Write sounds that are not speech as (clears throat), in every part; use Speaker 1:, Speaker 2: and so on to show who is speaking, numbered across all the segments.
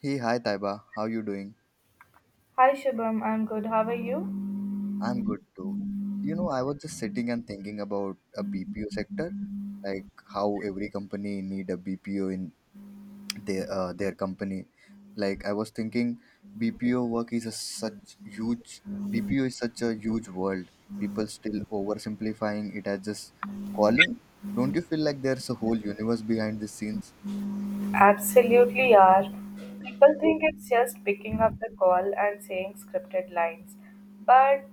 Speaker 1: Hey, hi Taiba, how you doing?
Speaker 2: Hi Shubham, I'm good. How are you?
Speaker 1: I'm good too. You know, I was just sitting and thinking about a BPO sector, like how every company need a BPO in their company. Like I was thinking, BPO work is a such huge BPO is such a huge world. People still oversimplifying it as just calling. Don't you feel like there's a whole universe behind the scenes?
Speaker 2: Absolutely are. People think it's just picking up the call and saying scripted lines, but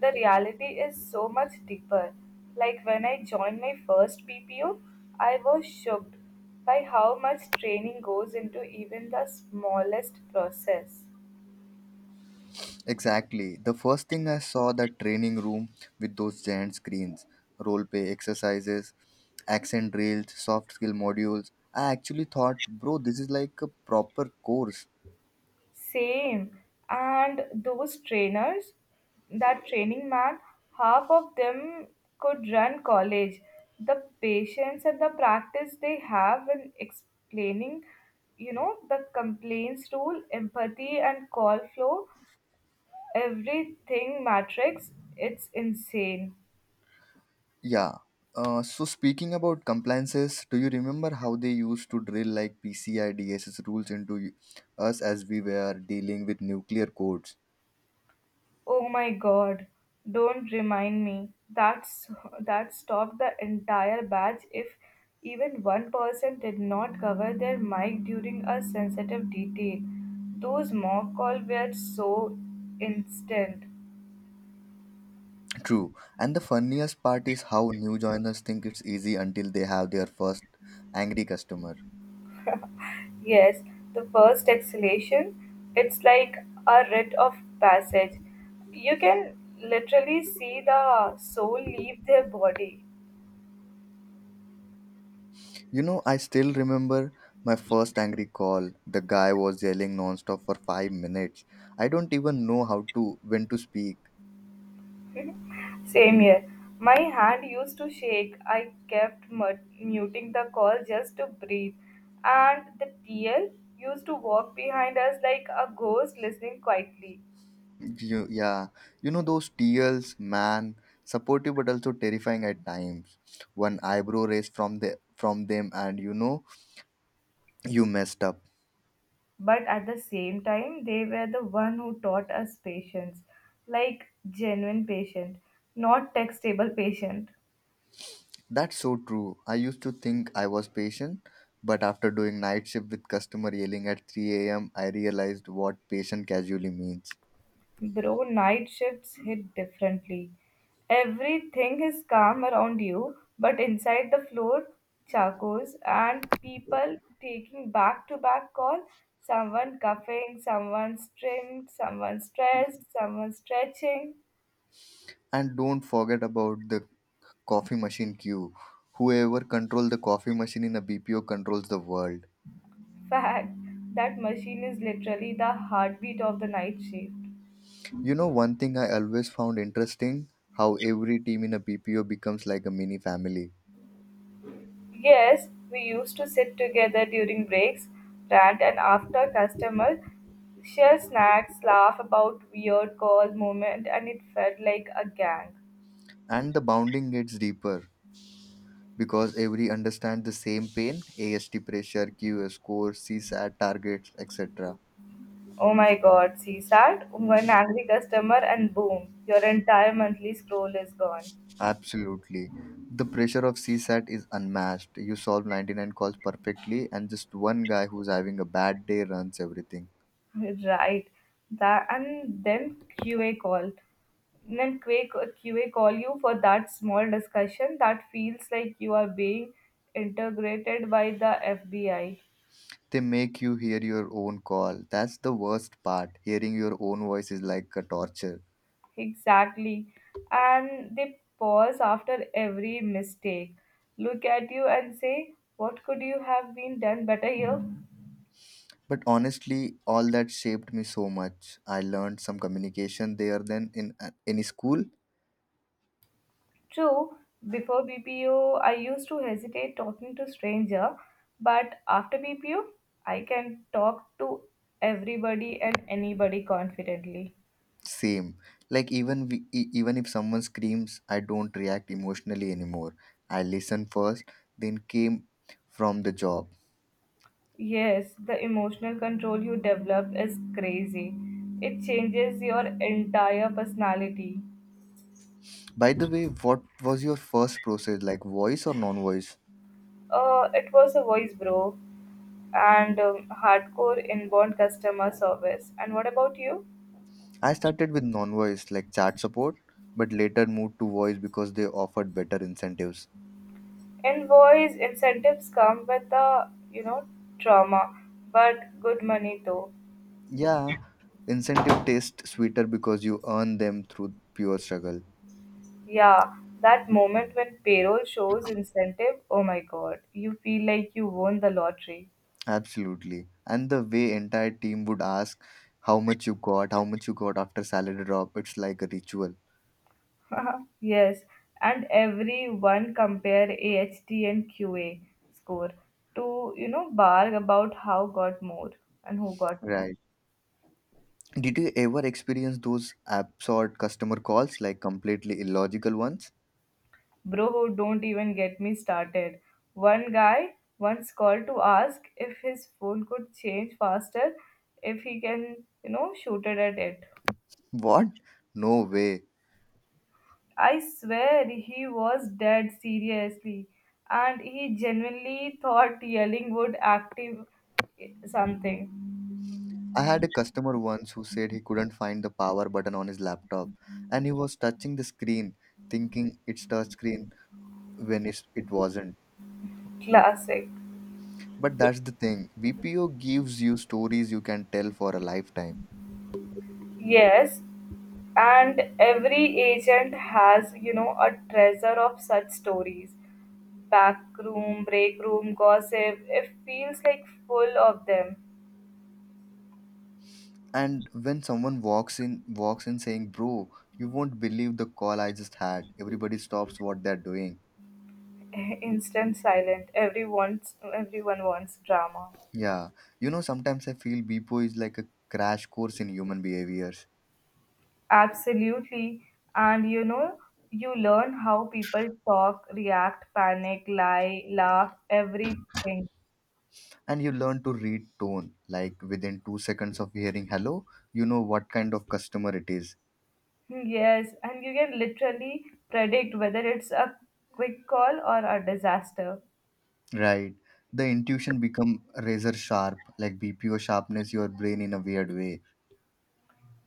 Speaker 2: the reality is so much deeper. Like when I joined my first PPO, I was shocked by how much training goes into even the smallest process.
Speaker 1: Exactly. The first thing I saw that training room with those giant screens, role play exercises, accent drills, soft skill modules. I actually thought, bro, this is like a proper course.
Speaker 2: Same. And those trainers, that training man, half of them could run college. The patience and the practice they have in explaining, you know, the complaints rule, empathy, and call flow, everything matrix, it's insane.
Speaker 1: Yeah. So speaking about compliances, do you remember how they used to drill like PCI DSS rules into us as we were dealing with nuclear codes?
Speaker 2: Oh my god, don't remind me. That stopped the entire batch if even one person did not cover their mic during a sensitive detail. Those mock calls were so instant.
Speaker 1: True. And the funniest part is how new joiners think it's easy until they have their first angry customer.
Speaker 2: Yes, the first exhalation, it's like a rite of passage. You can literally see the soul leave their body.
Speaker 1: You know, I still remember my first angry call. The guy was yelling nonstop for 5 minutes. I don't even know how to when to speak.
Speaker 2: Same here. My hand used to shake. I kept muting the call just to breathe. And the TL used to walk behind us like a ghost listening quietly.
Speaker 1: You, yeah, you know those TLs, man, supportive but also terrifying at times. One eyebrow raised from them, and you know you messed up.
Speaker 2: But at the same time, they were the one who taught us patience. Like genuine patient, not textable patient.
Speaker 1: That's so true. I used to think I was patient, but after doing night shift with customer yelling at 3 a.m., I realized what patient casually means.
Speaker 2: Bro, night shifts hit differently. Everything is calm around you, but inside the floor, chacos and people taking back to back call, someone coughing, someone trimmed, someone stressed, someone stretching.
Speaker 1: And don't forget about the coffee machine queue. Whoever controls the coffee machine in a BPO controls the world.
Speaker 2: Fact, that machine is literally the heartbeat of the night shift.
Speaker 1: You know, one thing I always found interesting how every team in a BPO becomes like a mini family.
Speaker 2: Yes, we used to sit together during breaks, rant, and after customer share snacks, laugh about weird call moment, and it felt like a gang.
Speaker 1: And the bonding gets deeper because every understands the same pain AST pressure, QS score, CSAT targets, etc.
Speaker 2: Oh my god, CSAT, one angry customer, and boom, your entire monthly scroll is gone.
Speaker 1: Absolutely. The pressure of CSAT is unmatched. You solve 99 calls perfectly, and just one guy who's having a bad day runs everything.
Speaker 2: Right. That and then QA call. And then QA, QA call you for that small discussion that feels like you are being integrated by the FBI.
Speaker 1: They make you hear your own call. That's the worst part. Hearing your own voice is like a torture.
Speaker 2: Exactly. And they pause after every mistake, look at you and say, "What could you have been done better here?"
Speaker 1: But honestly, all that shaped me so much. I learned some communication there than in any school.
Speaker 2: True, before BPO, I used to hesitate talking to stranger, but after BPO, I can talk to everybody and anybody confidently.
Speaker 1: Same. Like even even if someone screams, I don't react emotionally anymore. I listen first, then came from the job.
Speaker 2: Yes, the emotional control you develop is crazy. It changes your entire personality.
Speaker 1: By the way, what was your first process like voice or non-voice?
Speaker 2: It was a voice, bro, and hardcore inbound customer service. And what about you?
Speaker 1: I started with non voice like chat support, but later moved to voice because they offered better incentives.
Speaker 2: Invoice incentives come with the, you know, trauma, but good money though.
Speaker 1: Yeah, incentive taste sweeter because you earn them through pure struggle.
Speaker 2: Yeah, that moment when payroll shows incentive, oh my god, you feel like you won the lottery.
Speaker 1: Absolutely. And the way entire team would ask how much you got, how much you got after salary drop, it's like a ritual.
Speaker 2: (laughs) Yes, and everyone compare AHT and QA score to, you know, barg about how got more and who got more.
Speaker 1: Right. Did you ever experience those absurd customer calls, like completely illogical ones?
Speaker 2: Bro, don't even get me started. One guy once called to ask if his phone could change faster if he can, you know, shoot it at it.
Speaker 1: What? No way.
Speaker 2: I swear he was dead seriously and he genuinely thought yelling would active something.
Speaker 1: I had a customer once who said he couldn't find the power button on his laptop and he was touching the screen thinking it's touch screen when it wasn't.
Speaker 2: Classic.
Speaker 1: But that's the thing, BPO gives you stories you can tell for a lifetime.
Speaker 2: Yes, and every agent has, you know, a treasure of such stories back room, break room, gossip. It feels like full of them.
Speaker 1: And when someone walks in saying, "Bro, you won't believe the call I just had." Everybody stops what they're doing.
Speaker 2: (laughs) Instant silent. Everyone wants drama.
Speaker 1: Yeah. You know, sometimes I feel BPO is like a crash course in human behavior.
Speaker 2: Absolutely. And you know, you learn how people talk, react, panic, lie, laugh, everything.
Speaker 1: And you learn to read tone like within 2 seconds of hearing hello. You know what kind of customer it is.
Speaker 2: Hmm, yes, and you can literally predict whether it's a quick call or a disaster.
Speaker 1: Right, the intuition become razor sharp, like BPO sharpness your brain in a weird way.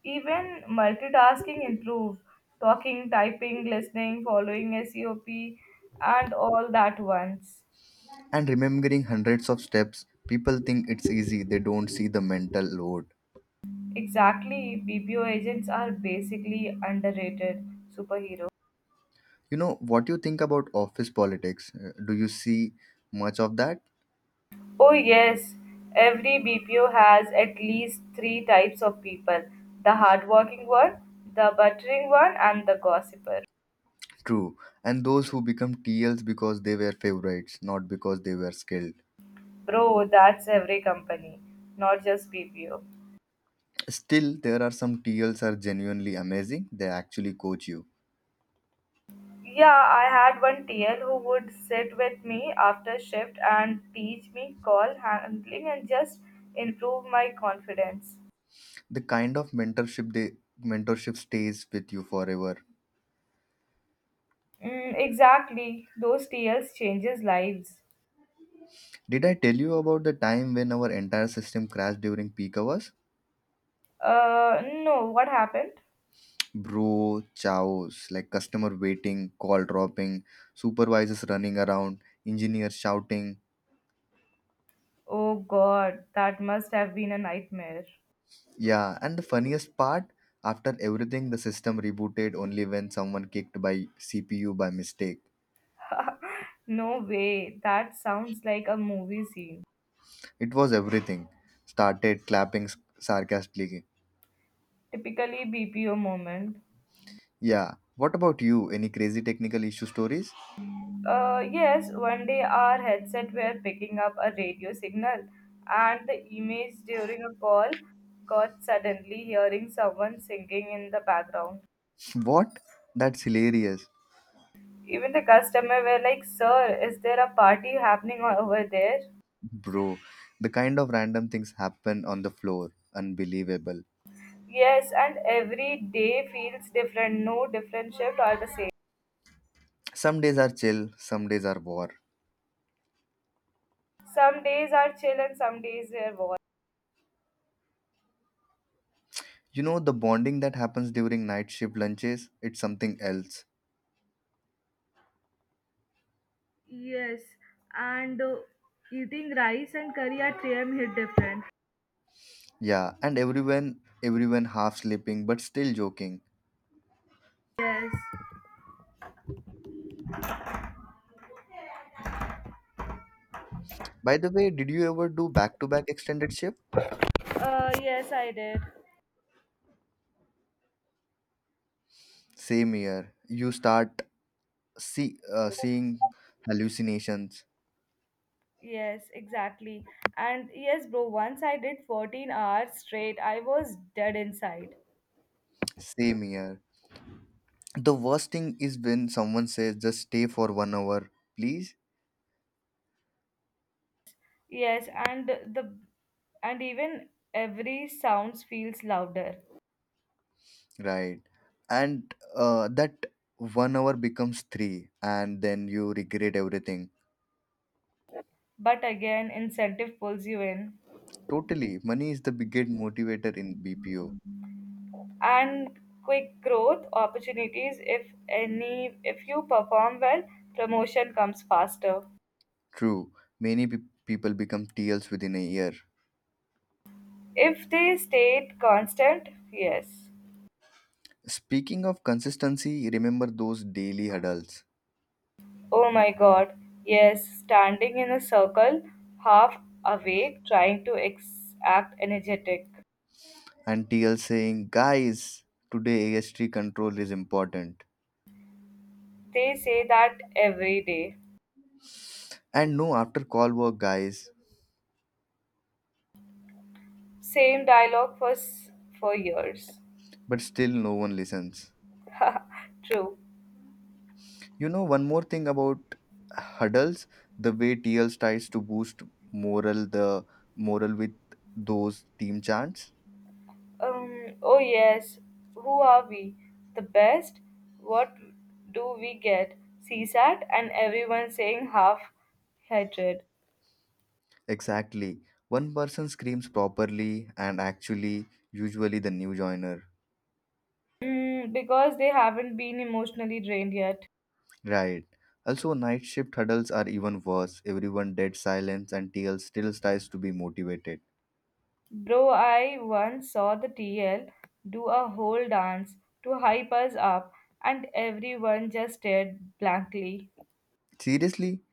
Speaker 2: Even multitasking improve, talking, typing, listening, following SEOP, and all that once.
Speaker 1: And remembering hundreds of steps, people think it's easy, they don't see the mental load.
Speaker 2: Exactly, BPO agents are basically underrated superhero.
Speaker 1: You know what you think about office politics? Do you see much of that?
Speaker 2: Oh yes, every BPO has at least three types of people: the hardworking one, the buttering one, and the gossiper.
Speaker 1: True. And those who become TLs because they were favorites not because they were skilled.
Speaker 2: Bro, that's every company, not just BPO.
Speaker 1: Still, there are some T Ls are genuinely amazing. They actually coach you.
Speaker 2: Yeah, I had one TL who would sit with me after shift and teach me call handling and just improve my confidence.
Speaker 1: The kind of mentorship stays with you forever.
Speaker 2: Mm, exactly, those TLs changes lives.
Speaker 1: Did I tell you about the time when our entire system crashed during peak hours?
Speaker 2: No, what happened?
Speaker 1: Bro, chaos like customer waiting, call dropping, supervisors running around, engineers shouting.
Speaker 2: Oh God, that must have been a nightmare.
Speaker 1: Yeah, and the funniest part, after everything, the system rebooted only when someone kicked by CPU by mistake.
Speaker 2: (laughs) No way, that sounds like a movie scene.
Speaker 1: It was everything. Started clapping sarcastically.
Speaker 2: Typically BPO moment.
Speaker 1: Yeah. What about you? Any crazy technical issue stories?
Speaker 2: Yes, one day our headset were picking up a radio signal, and the image during a call got suddenly hearing someone singing in the background.
Speaker 1: (laughs) What? That's hilarious.
Speaker 2: Even the customer were like, "Sir, is there a party happening over there?"
Speaker 1: Bro, the kind of random things happen on the floor. Unbelievable.
Speaker 2: Yes, and every day feels different. No different shift are the same.
Speaker 1: Some days are chill, some days are war.
Speaker 2: Some days are chill and some days they are war.
Speaker 1: You know, the bonding that happens during night shift lunches, it's something else.
Speaker 2: Yes, and eating rice and curry at 3 a.m. hit different.
Speaker 1: Yeah, and everyone half sleeping but still joking.
Speaker 2: Yes.
Speaker 1: By the way, did you ever do back to back extended shift?
Speaker 2: Yes, I did.
Speaker 1: Same here. You start seeing hallucinations.
Speaker 2: Yes, exactly. And yes, bro, once I did 14 hours straight, I was dead inside.
Speaker 1: Same here, the worst thing is when someone says just stay for 1 hour please.
Speaker 2: Yes, and the and even every sounds feels louder.
Speaker 1: Right. and That 1 hour becomes three and then you regret everything.
Speaker 2: But again, incentive pulls you in.
Speaker 1: Totally, money is the biggest motivator in BPO.
Speaker 2: And quick growth opportunities if any if you perform well, promotion comes faster.
Speaker 1: True, many people become TLs within a year.
Speaker 2: If they stayed constant, yes.
Speaker 1: Speaking of consistency, remember those daily huddles?
Speaker 2: Oh my god, yes, standing in a circle, half awake, trying to act energetic.
Speaker 1: And TL saying guys, today AST control is important.
Speaker 2: They say that every day.
Speaker 1: And no after call work guys.
Speaker 2: Same dialogue for years.
Speaker 1: But still no one listens.
Speaker 2: (laughs) True.
Speaker 1: You know, one more thing about hurdles, the way TL tries to boost morale, the morale with those team chants.
Speaker 2: Oh yes, who are we? The best? What do we get? CSAT and everyone saying half hatred.
Speaker 1: Exactly. One person screams properly and actually usually the new joiner.
Speaker 2: Mm, because they haven't been emotionally drained yet.
Speaker 1: Right. Also night shift huddles are even worse. Everyone dead silence and TL still tries to be motivated.
Speaker 2: Bro, I once saw the TL do a whole dance to hype us up, and everyone just stared blankly.
Speaker 1: Seriously?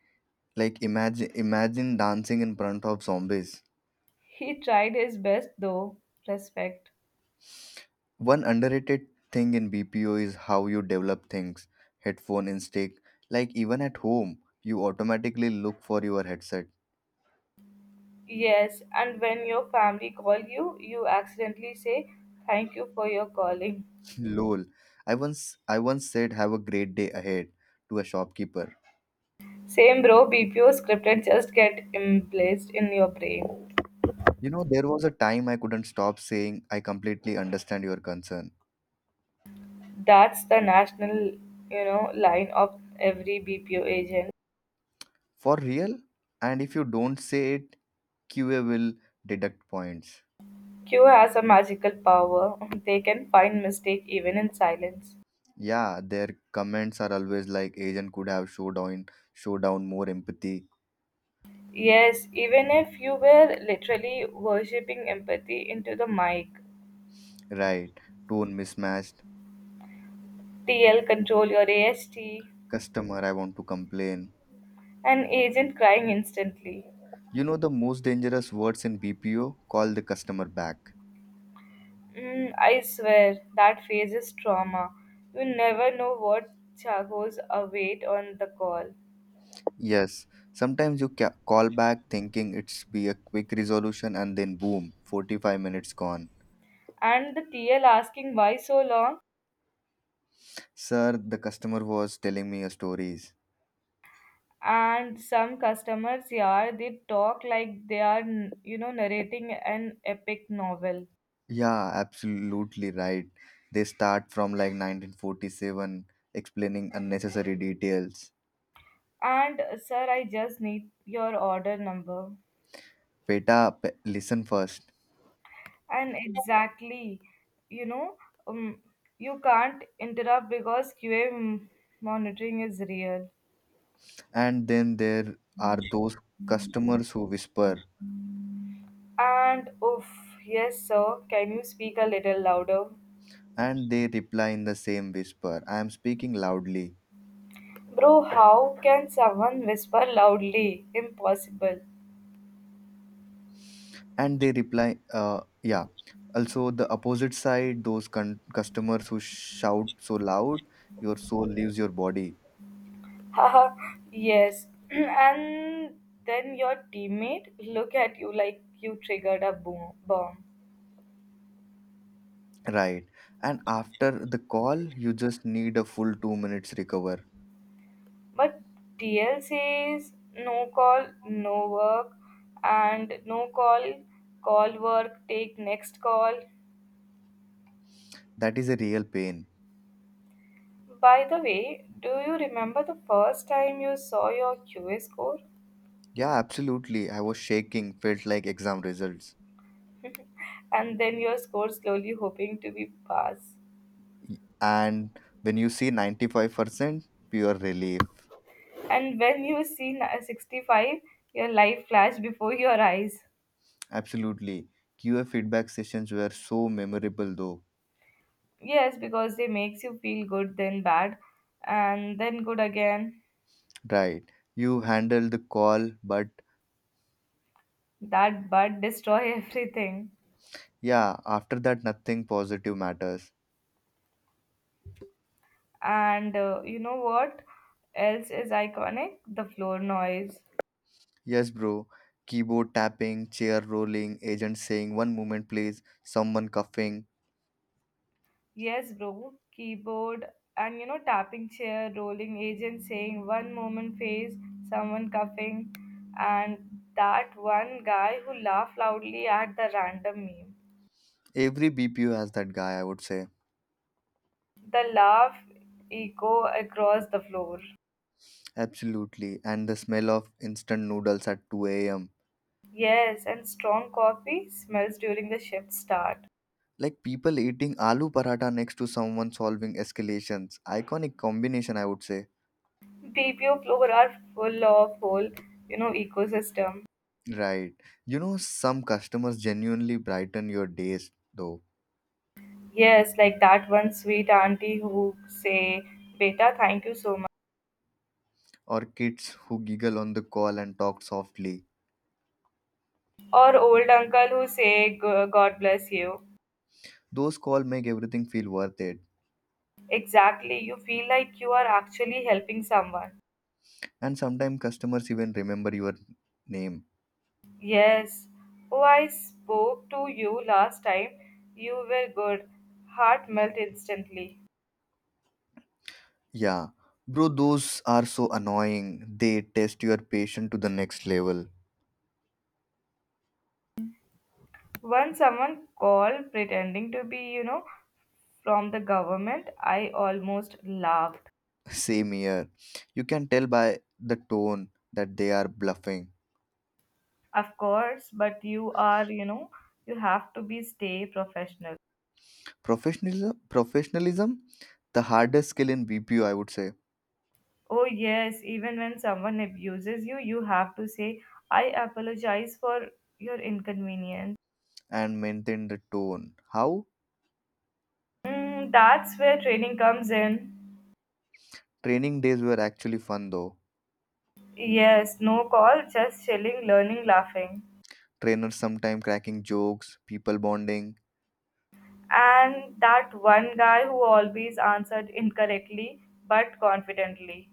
Speaker 1: Like imagine dancing in front of zombies.
Speaker 2: He tried his best though, respect.
Speaker 1: One underrated thing in BPO is how you develop things. Headphone instinct. Like even at home, you automatically look for your headset.
Speaker 2: Yes, and when your family call you, you accidentally say, "Thank you for your calling."
Speaker 1: (laughs) Lol. I once said have a great day ahead to a shopkeeper.
Speaker 2: Same bro, BPO scripted just get emplaced in your brain.
Speaker 1: You know, there was a time I couldn't stop saying I completely understand your concern.
Speaker 2: That's the national, you know, line of every BPO agent.
Speaker 1: For real? And if you don't say it, QA will deduct points.
Speaker 2: Q has a magical power. (laughs) They can find mistake even in silence.
Speaker 1: Yeah, their comments are always like agent could have showed on showdown more empathy.
Speaker 2: Yes, even if you were literally worshipping empathy into the mic.
Speaker 1: Right, tone mismatch.
Speaker 2: TL control your AST.
Speaker 1: Customer, I want to complain.
Speaker 2: An agent crying instantly.
Speaker 1: You know the most dangerous words in BPO? Call the customer back.
Speaker 2: Mm, I swear, that phase is trauma. You never know what Chago's await on the call.
Speaker 1: Yes, sometimes you call back thinking it's be a quick resolution and then boom, 45 minutes gone.
Speaker 2: And the TL asking, "Why so long?"
Speaker 1: Sir, the customer was telling me a stories.
Speaker 2: And some customers, yeah, they talk like they are, you know, narrating an epic novel.
Speaker 1: Yeah, absolutely right. They start from like 1947 explaining unnecessary details.
Speaker 2: And, "Sir, I just need your order number."
Speaker 1: Beta, listen first.
Speaker 2: And exactly, you know, um, you can't interrupt because QA monitoring is real.
Speaker 1: And then there are those customers who whisper.
Speaker 2: And oof, yes, "Sir, can you speak a little louder?"
Speaker 1: And they reply in the same whisper. I am speaking loudly.
Speaker 2: Bro, how can someone whisper loudly? Impossible.
Speaker 1: And they reply, yeah. Also, the opposite side, those customers who shout so loud, your soul leaves your body.
Speaker 2: (laughs) Haha, yes. (clears throat) And then your teammate look at you like you triggered a boom bomb.
Speaker 1: Right. And after the call, you just need a full 2 minutes recover.
Speaker 2: But TL says, "No call, no work," and no call, call work, take next call.
Speaker 1: That is a real pain.
Speaker 2: By the way, do you remember the first time you saw your QA score?
Speaker 1: Yeah, absolutely. I was shaking, felt like exam results.
Speaker 2: And then your score slowly hoping to be pass.
Speaker 1: And when you see 95%, pure relief.
Speaker 2: And when you see 65, your life flashed before your eyes.
Speaker 1: Absolutely. QA feedback sessions were so memorable though.
Speaker 2: Yes, because they makes you feel good, then bad, and then good again.
Speaker 1: Right. You handle the call, but
Speaker 2: That bud destroy (laughs) everything.
Speaker 1: yeah, after that, nothing positive matters.
Speaker 2: And you know what else is iconic? The floor noise.
Speaker 1: Yes, bro. Keyboard tapping, chair rolling, agent saying, one moment, please, someone coughing.
Speaker 2: Yes, bro. Keyboard and, you know, tapping chair, rolling agent saying one moment face, someone coughing, and that one guy who laughed loudly at the random meme.
Speaker 1: Every BPU has that guy, I would say.
Speaker 2: The laugh echo across the floor.
Speaker 1: Absolutely. And the smell of instant noodles at 2 a.m.
Speaker 2: Yes, and strong coffee smells during the shift start.
Speaker 1: Like people eating aloo paratha next to someone solving escalations. Iconic combination, I would say.
Speaker 2: BPO floor are full of whole, you know, ecosystem.
Speaker 1: Right. You know, some customers genuinely brighten your days, though.
Speaker 2: Yes, like that one sweet auntie who say, "Beta, thank you so much,"
Speaker 1: Or kids who giggle on the call and talk softly.
Speaker 2: or old uncle who say, God bless you."
Speaker 1: Those calls make everything feel worth it.
Speaker 2: Exactly, you feel like you are actually helping someone.
Speaker 1: And sometimes customers even remember your name.
Speaker 2: Yes. "Oh, I spoke to you last time. You were good." Heart melt instantly.
Speaker 1: Yeah. Bro, those are so annoying. They test your patience to the next level.
Speaker 2: Once someone called pretending to be, you know, from the government, I almost laughed.
Speaker 1: (laughs) Same here. You can tell by the tone that they are bluffing.
Speaker 2: Of course, but you are, you know, you have to be stay professional.
Speaker 1: Professionalism, professionalism, the hardest skill in BPO, I would say,
Speaker 2: Oh yes, even when someone abuses you, you have to say, "I apologize for your inconvenience."
Speaker 1: and maintain the tone. How?
Speaker 2: Mm, that's where training comes in.
Speaker 1: Training days were actually fun though.
Speaker 2: Yes, no call, just chilling, learning, laughing.
Speaker 1: Trainers sometime cracking jokes, people bonding.
Speaker 2: And that one guy who always answered incorrectly but confidently,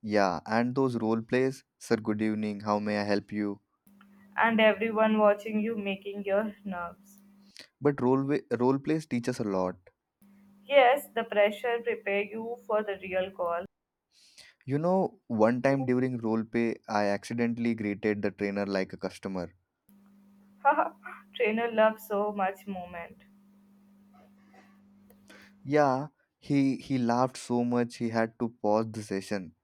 Speaker 1: Yeah, and those role plays, sir, good evening, how may I help you?
Speaker 2: and everyone watching you making your nerves.
Speaker 1: But role plays teach us a lot.
Speaker 2: Yes, the pressure prepare you for the real call.
Speaker 1: You know, one time during role play, I accidentally greeted the trainer like a customer.
Speaker 2: Haha, trainer love so much moment.
Speaker 1: Yeah, he laughed so much he had to pause the session.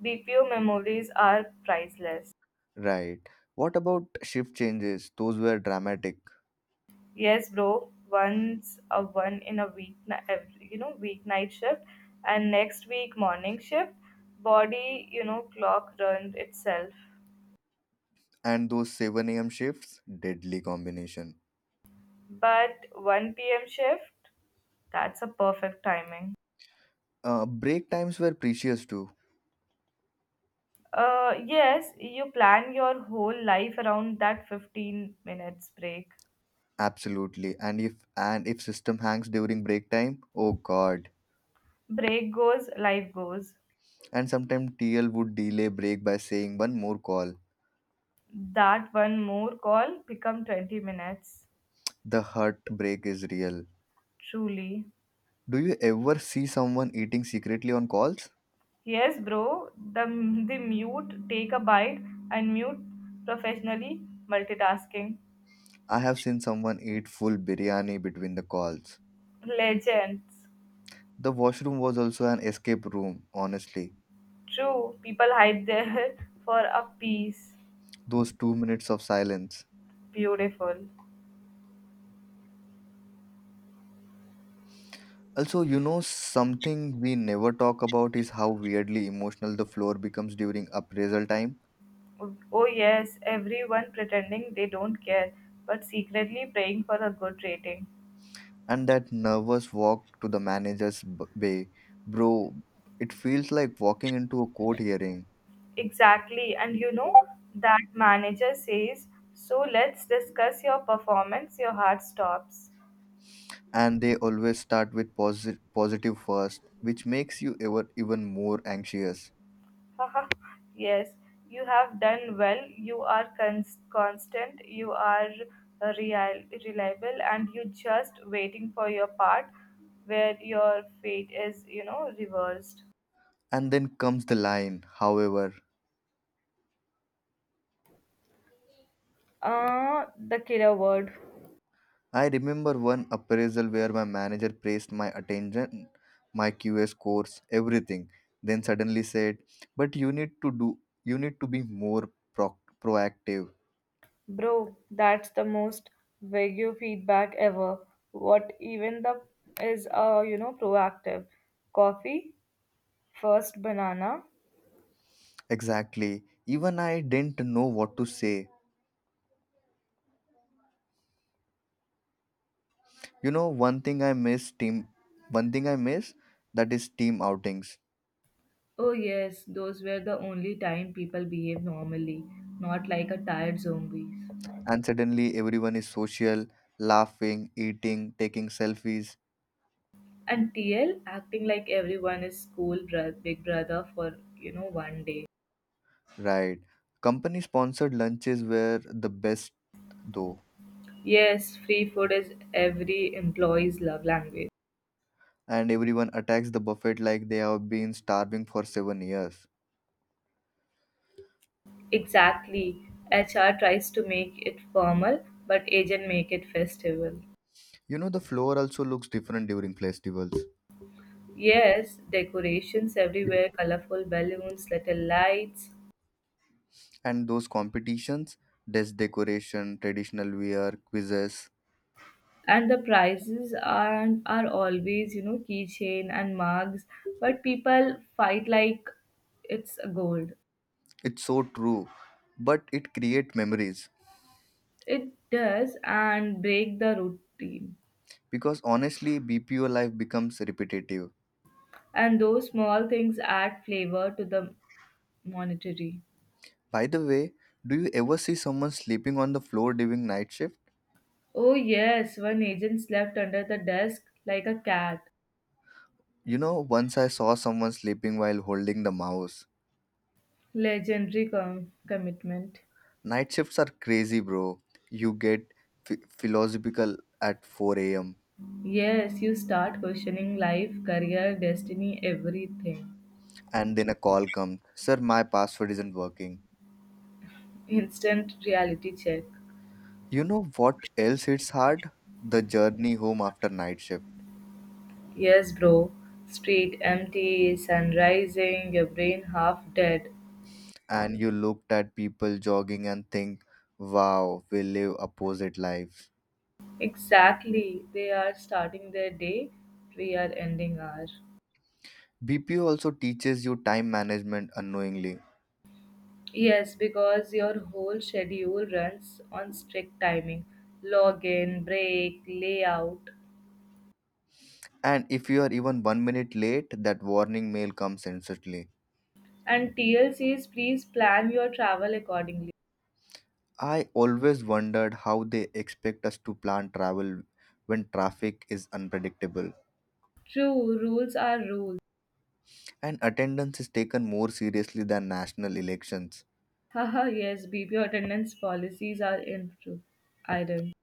Speaker 2: BPO memories are priceless.
Speaker 1: Right. What about shift changes? Those were dramatic.
Speaker 2: Yes, bro. Once a one in a week, every, you know, weeknight shift, and next week morning shift. Body, you know, clock runs itself.
Speaker 1: And those 7 a.m. shifts, deadly combination.
Speaker 2: But 1 p.m. shift, that's a perfect timing.
Speaker 1: Break times were precious too.
Speaker 2: Yes, you plan your whole life around that 15 minutes break.
Speaker 1: Absolutely. And if system hangs during break time, oh god.
Speaker 2: Break goes, life goes.
Speaker 1: And sometimes TL would delay break by saying one more call.
Speaker 2: That one more call become 20 minutes.
Speaker 1: The heartbreak is real.
Speaker 2: Truly.
Speaker 1: Do you ever see someone eating secretly on calls?
Speaker 2: Yes, bro. The mute, take a bite, and mute professionally multitasking.
Speaker 1: I have seen someone eat full biryani between the calls.
Speaker 2: Legends.
Speaker 1: The washroom was also an escape room, honestly.
Speaker 2: True. People hide there (laughs) for a piece.
Speaker 1: Those 2 minutes of silence.
Speaker 2: Beautiful.
Speaker 1: Also, you know, something we never talk about is how weirdly emotional the floor becomes during appraisal time.
Speaker 2: Oh, yes. Everyone pretending they don't care, but secretly praying for a good rating.
Speaker 1: And that nervous walk to the manager's bay. Bro, it feels like walking into a court hearing.
Speaker 2: Exactly. And you know, that manager says, "So let's discuss your performance." Your heart stops.
Speaker 1: And they always start with positive first, which makes you ever even more anxious.
Speaker 2: (laughs) Haha, yes, "You have done well. You are constant. You are reliable." And you just waiting for your part where your fate is, you know, reversed.
Speaker 1: And then comes the line, however.
Speaker 2: The killer word.
Speaker 1: I remember one appraisal where my manager praised my attention, my QA scores, everything. Then suddenly said, but you need to be more proactive.
Speaker 2: Bro, that's the most vague feedback ever. What even the is uh, you know, proactive. Coffee, first banana.
Speaker 1: Exactly. Even I didn't know what to say. You know, one thing I miss that is team outings.
Speaker 2: Oh, yes, those were the only time people behaved normally, not like a tired zombies.
Speaker 1: And suddenly everyone is social, laughing, eating, taking selfies.
Speaker 2: And TL acting like everyone is school big brother for, you know, one day.
Speaker 1: Right. Company sponsored lunches were the best though.
Speaker 2: Yes, free food is every employee's love language.
Speaker 1: And everyone attacks the buffet like they have been starving for 7 years.
Speaker 2: Exactly. HR tries to make it formal, but agent make it festival.
Speaker 1: You know the floor also looks different during festivals.
Speaker 2: Yes, decorations everywhere, colorful balloons, little lights,
Speaker 1: And those competitions, desk decoration, traditional wear, quizzes.
Speaker 2: and the prizes are always, you know, keychain and mugs, but people fight like it's gold.
Speaker 1: It's so true. But it creates memories.
Speaker 2: It does and break the routine.
Speaker 1: Because honestly, BPO life becomes repetitive.
Speaker 2: And those small things add flavor to the monetary.
Speaker 1: By the way, do you ever see someone sleeping on the floor during night shift?
Speaker 2: Oh, yes, one agent slept under the desk like a cat.
Speaker 1: You know, once I saw someone sleeping while holding the mouse.
Speaker 2: Legendary commitment.
Speaker 1: Night shifts are crazy, bro. You get philosophical at 4 a.m.
Speaker 2: Yes, you start questioning life, career, destiny, everything.
Speaker 1: And then a call comes. Sir, my password isn't working.
Speaker 2: Instant reality check.
Speaker 1: You know what else hits hard? The journey home after night shift.
Speaker 2: Yes, bro. Street empty, sun rising, your brain half dead.
Speaker 1: And you looked at people jogging and think, wow, we live opposite lives.
Speaker 2: Exactly. They are starting their day, we are ending our.
Speaker 1: BPO also teaches you time management unknowingly.
Speaker 2: Yes, because your whole schedule runs on strict timing. Login, break, layout.
Speaker 1: And if you are even 1 minute late, that warning mail comes instantly.
Speaker 2: And TLC is please plan your travel accordingly.
Speaker 1: I always wondered how they expect us to plan travel when traffic is unpredictable.
Speaker 2: True, rules are rules.
Speaker 1: And attendance is taken more seriously than national elections.
Speaker 2: Haha, yes, BB attendance policies are in true iron.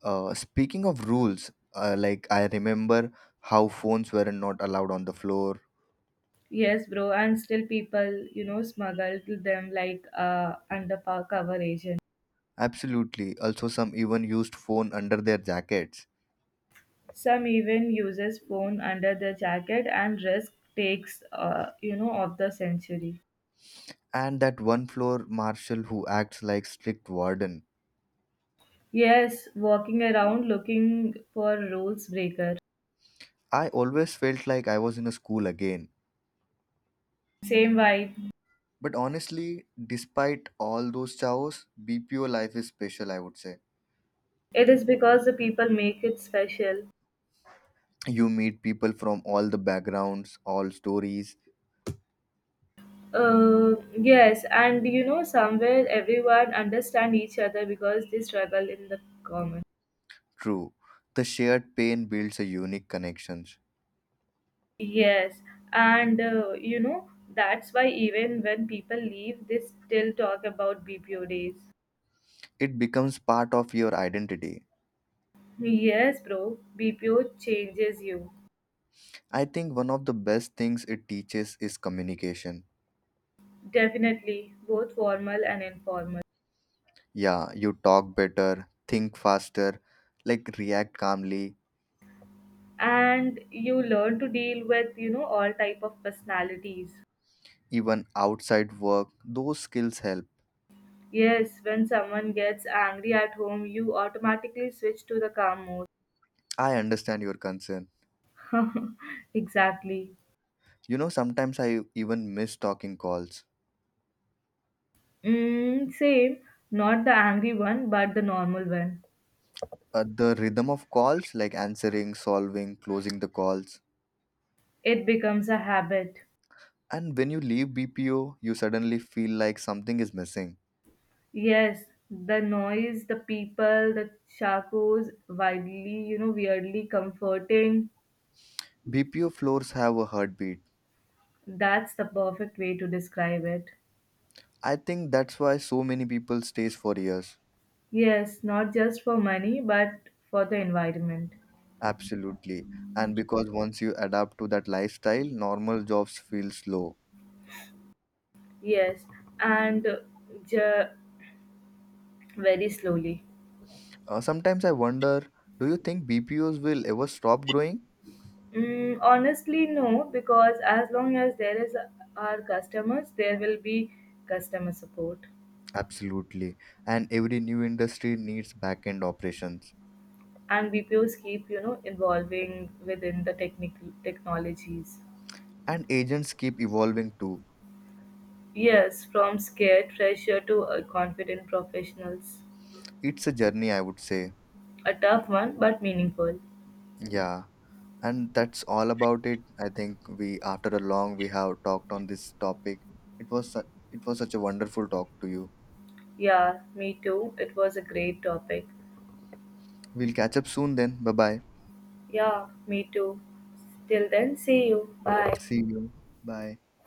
Speaker 1: Speaking of rules, like I remember how phones were not allowed on the floor.
Speaker 2: Yes, bro, and still people, you know, smuggle to them like under cover agent.
Speaker 1: Absolutely. Also, some even used phone under their jackets.
Speaker 2: Some even uses phone under their jacket and risk takes, you know, of the century.
Speaker 1: And that one floor marshal who acts like strict warden.
Speaker 2: Yes, walking around looking for rules breaker.
Speaker 1: I always felt like I was in a school again.
Speaker 2: Same vibe.
Speaker 1: But honestly, despite all those chaos, BPO life is special, I would say.
Speaker 2: It is because the people make it special.
Speaker 1: You meet people from all the backgrounds, all stories.
Speaker 2: Yes, and you know, somewhere everyone understand each other because they struggle in the common.
Speaker 1: True. The shared pain builds a unique connections.
Speaker 2: Yes, and you know, that's why even when people leave, they still talk about BPO days.
Speaker 1: It becomes part of your identity.
Speaker 2: Yes, bro, BPO changes you.
Speaker 1: I think one of the best things it teaches is communication.
Speaker 2: Definitely, both formal and informal.
Speaker 1: Yeah, you talk better, think faster, like react calmly
Speaker 2: And you learn to deal with, you know, all type of personalities.
Speaker 1: even outside work, those skills help.
Speaker 2: Yes, when someone gets angry at home, you automatically switch to the calm mode.
Speaker 1: I understand your concern.
Speaker 2: (laughs) Exactly.
Speaker 1: You know, sometimes I even miss talking calls.
Speaker 2: Mm, same, not the angry one, but the normal one.
Speaker 1: The rhythm of calls, like answering, solving, closing the calls.
Speaker 2: It becomes a habit.
Speaker 1: And when you leave BPO, you suddenly feel like something is missing.
Speaker 2: Yes, the noise, the people, the chacos, wildly, you know, weirdly comforting.
Speaker 1: BPO floors have a heartbeat.
Speaker 2: That's the perfect way to describe it.
Speaker 1: I think that's why so many people stays for years.
Speaker 2: Yes, not just for money, but for the environment.
Speaker 1: Absolutely. And because once you adapt to that lifestyle, normal jobs feel slow.
Speaker 2: Yes, and ju- very slowly.
Speaker 1: Sometimes I wonder, do you think BPOs will ever stop growing?
Speaker 2: Mm, honestly, no, because as long as there is our customers, there will be customer support,
Speaker 1: Absolutely. And every new industry needs back end operations.
Speaker 2: and BPOs keep, you know, evolving within the technical technologies.
Speaker 1: And agents keep evolving too.
Speaker 2: Yes, from scared fresher to confident professionals.
Speaker 1: It's a journey, I would say.
Speaker 2: A tough one, but meaningful.
Speaker 1: Yeah. And that's all about it. I think we, after a long, we have talked on this topic. It was, it was such a wonderful talk to you.
Speaker 2: Yeah, me too. It was a great topic.
Speaker 1: We'll catch up soon then. Bye bye.
Speaker 2: Yeah, me too. Till then, see you. Bye.
Speaker 1: See you. Bye.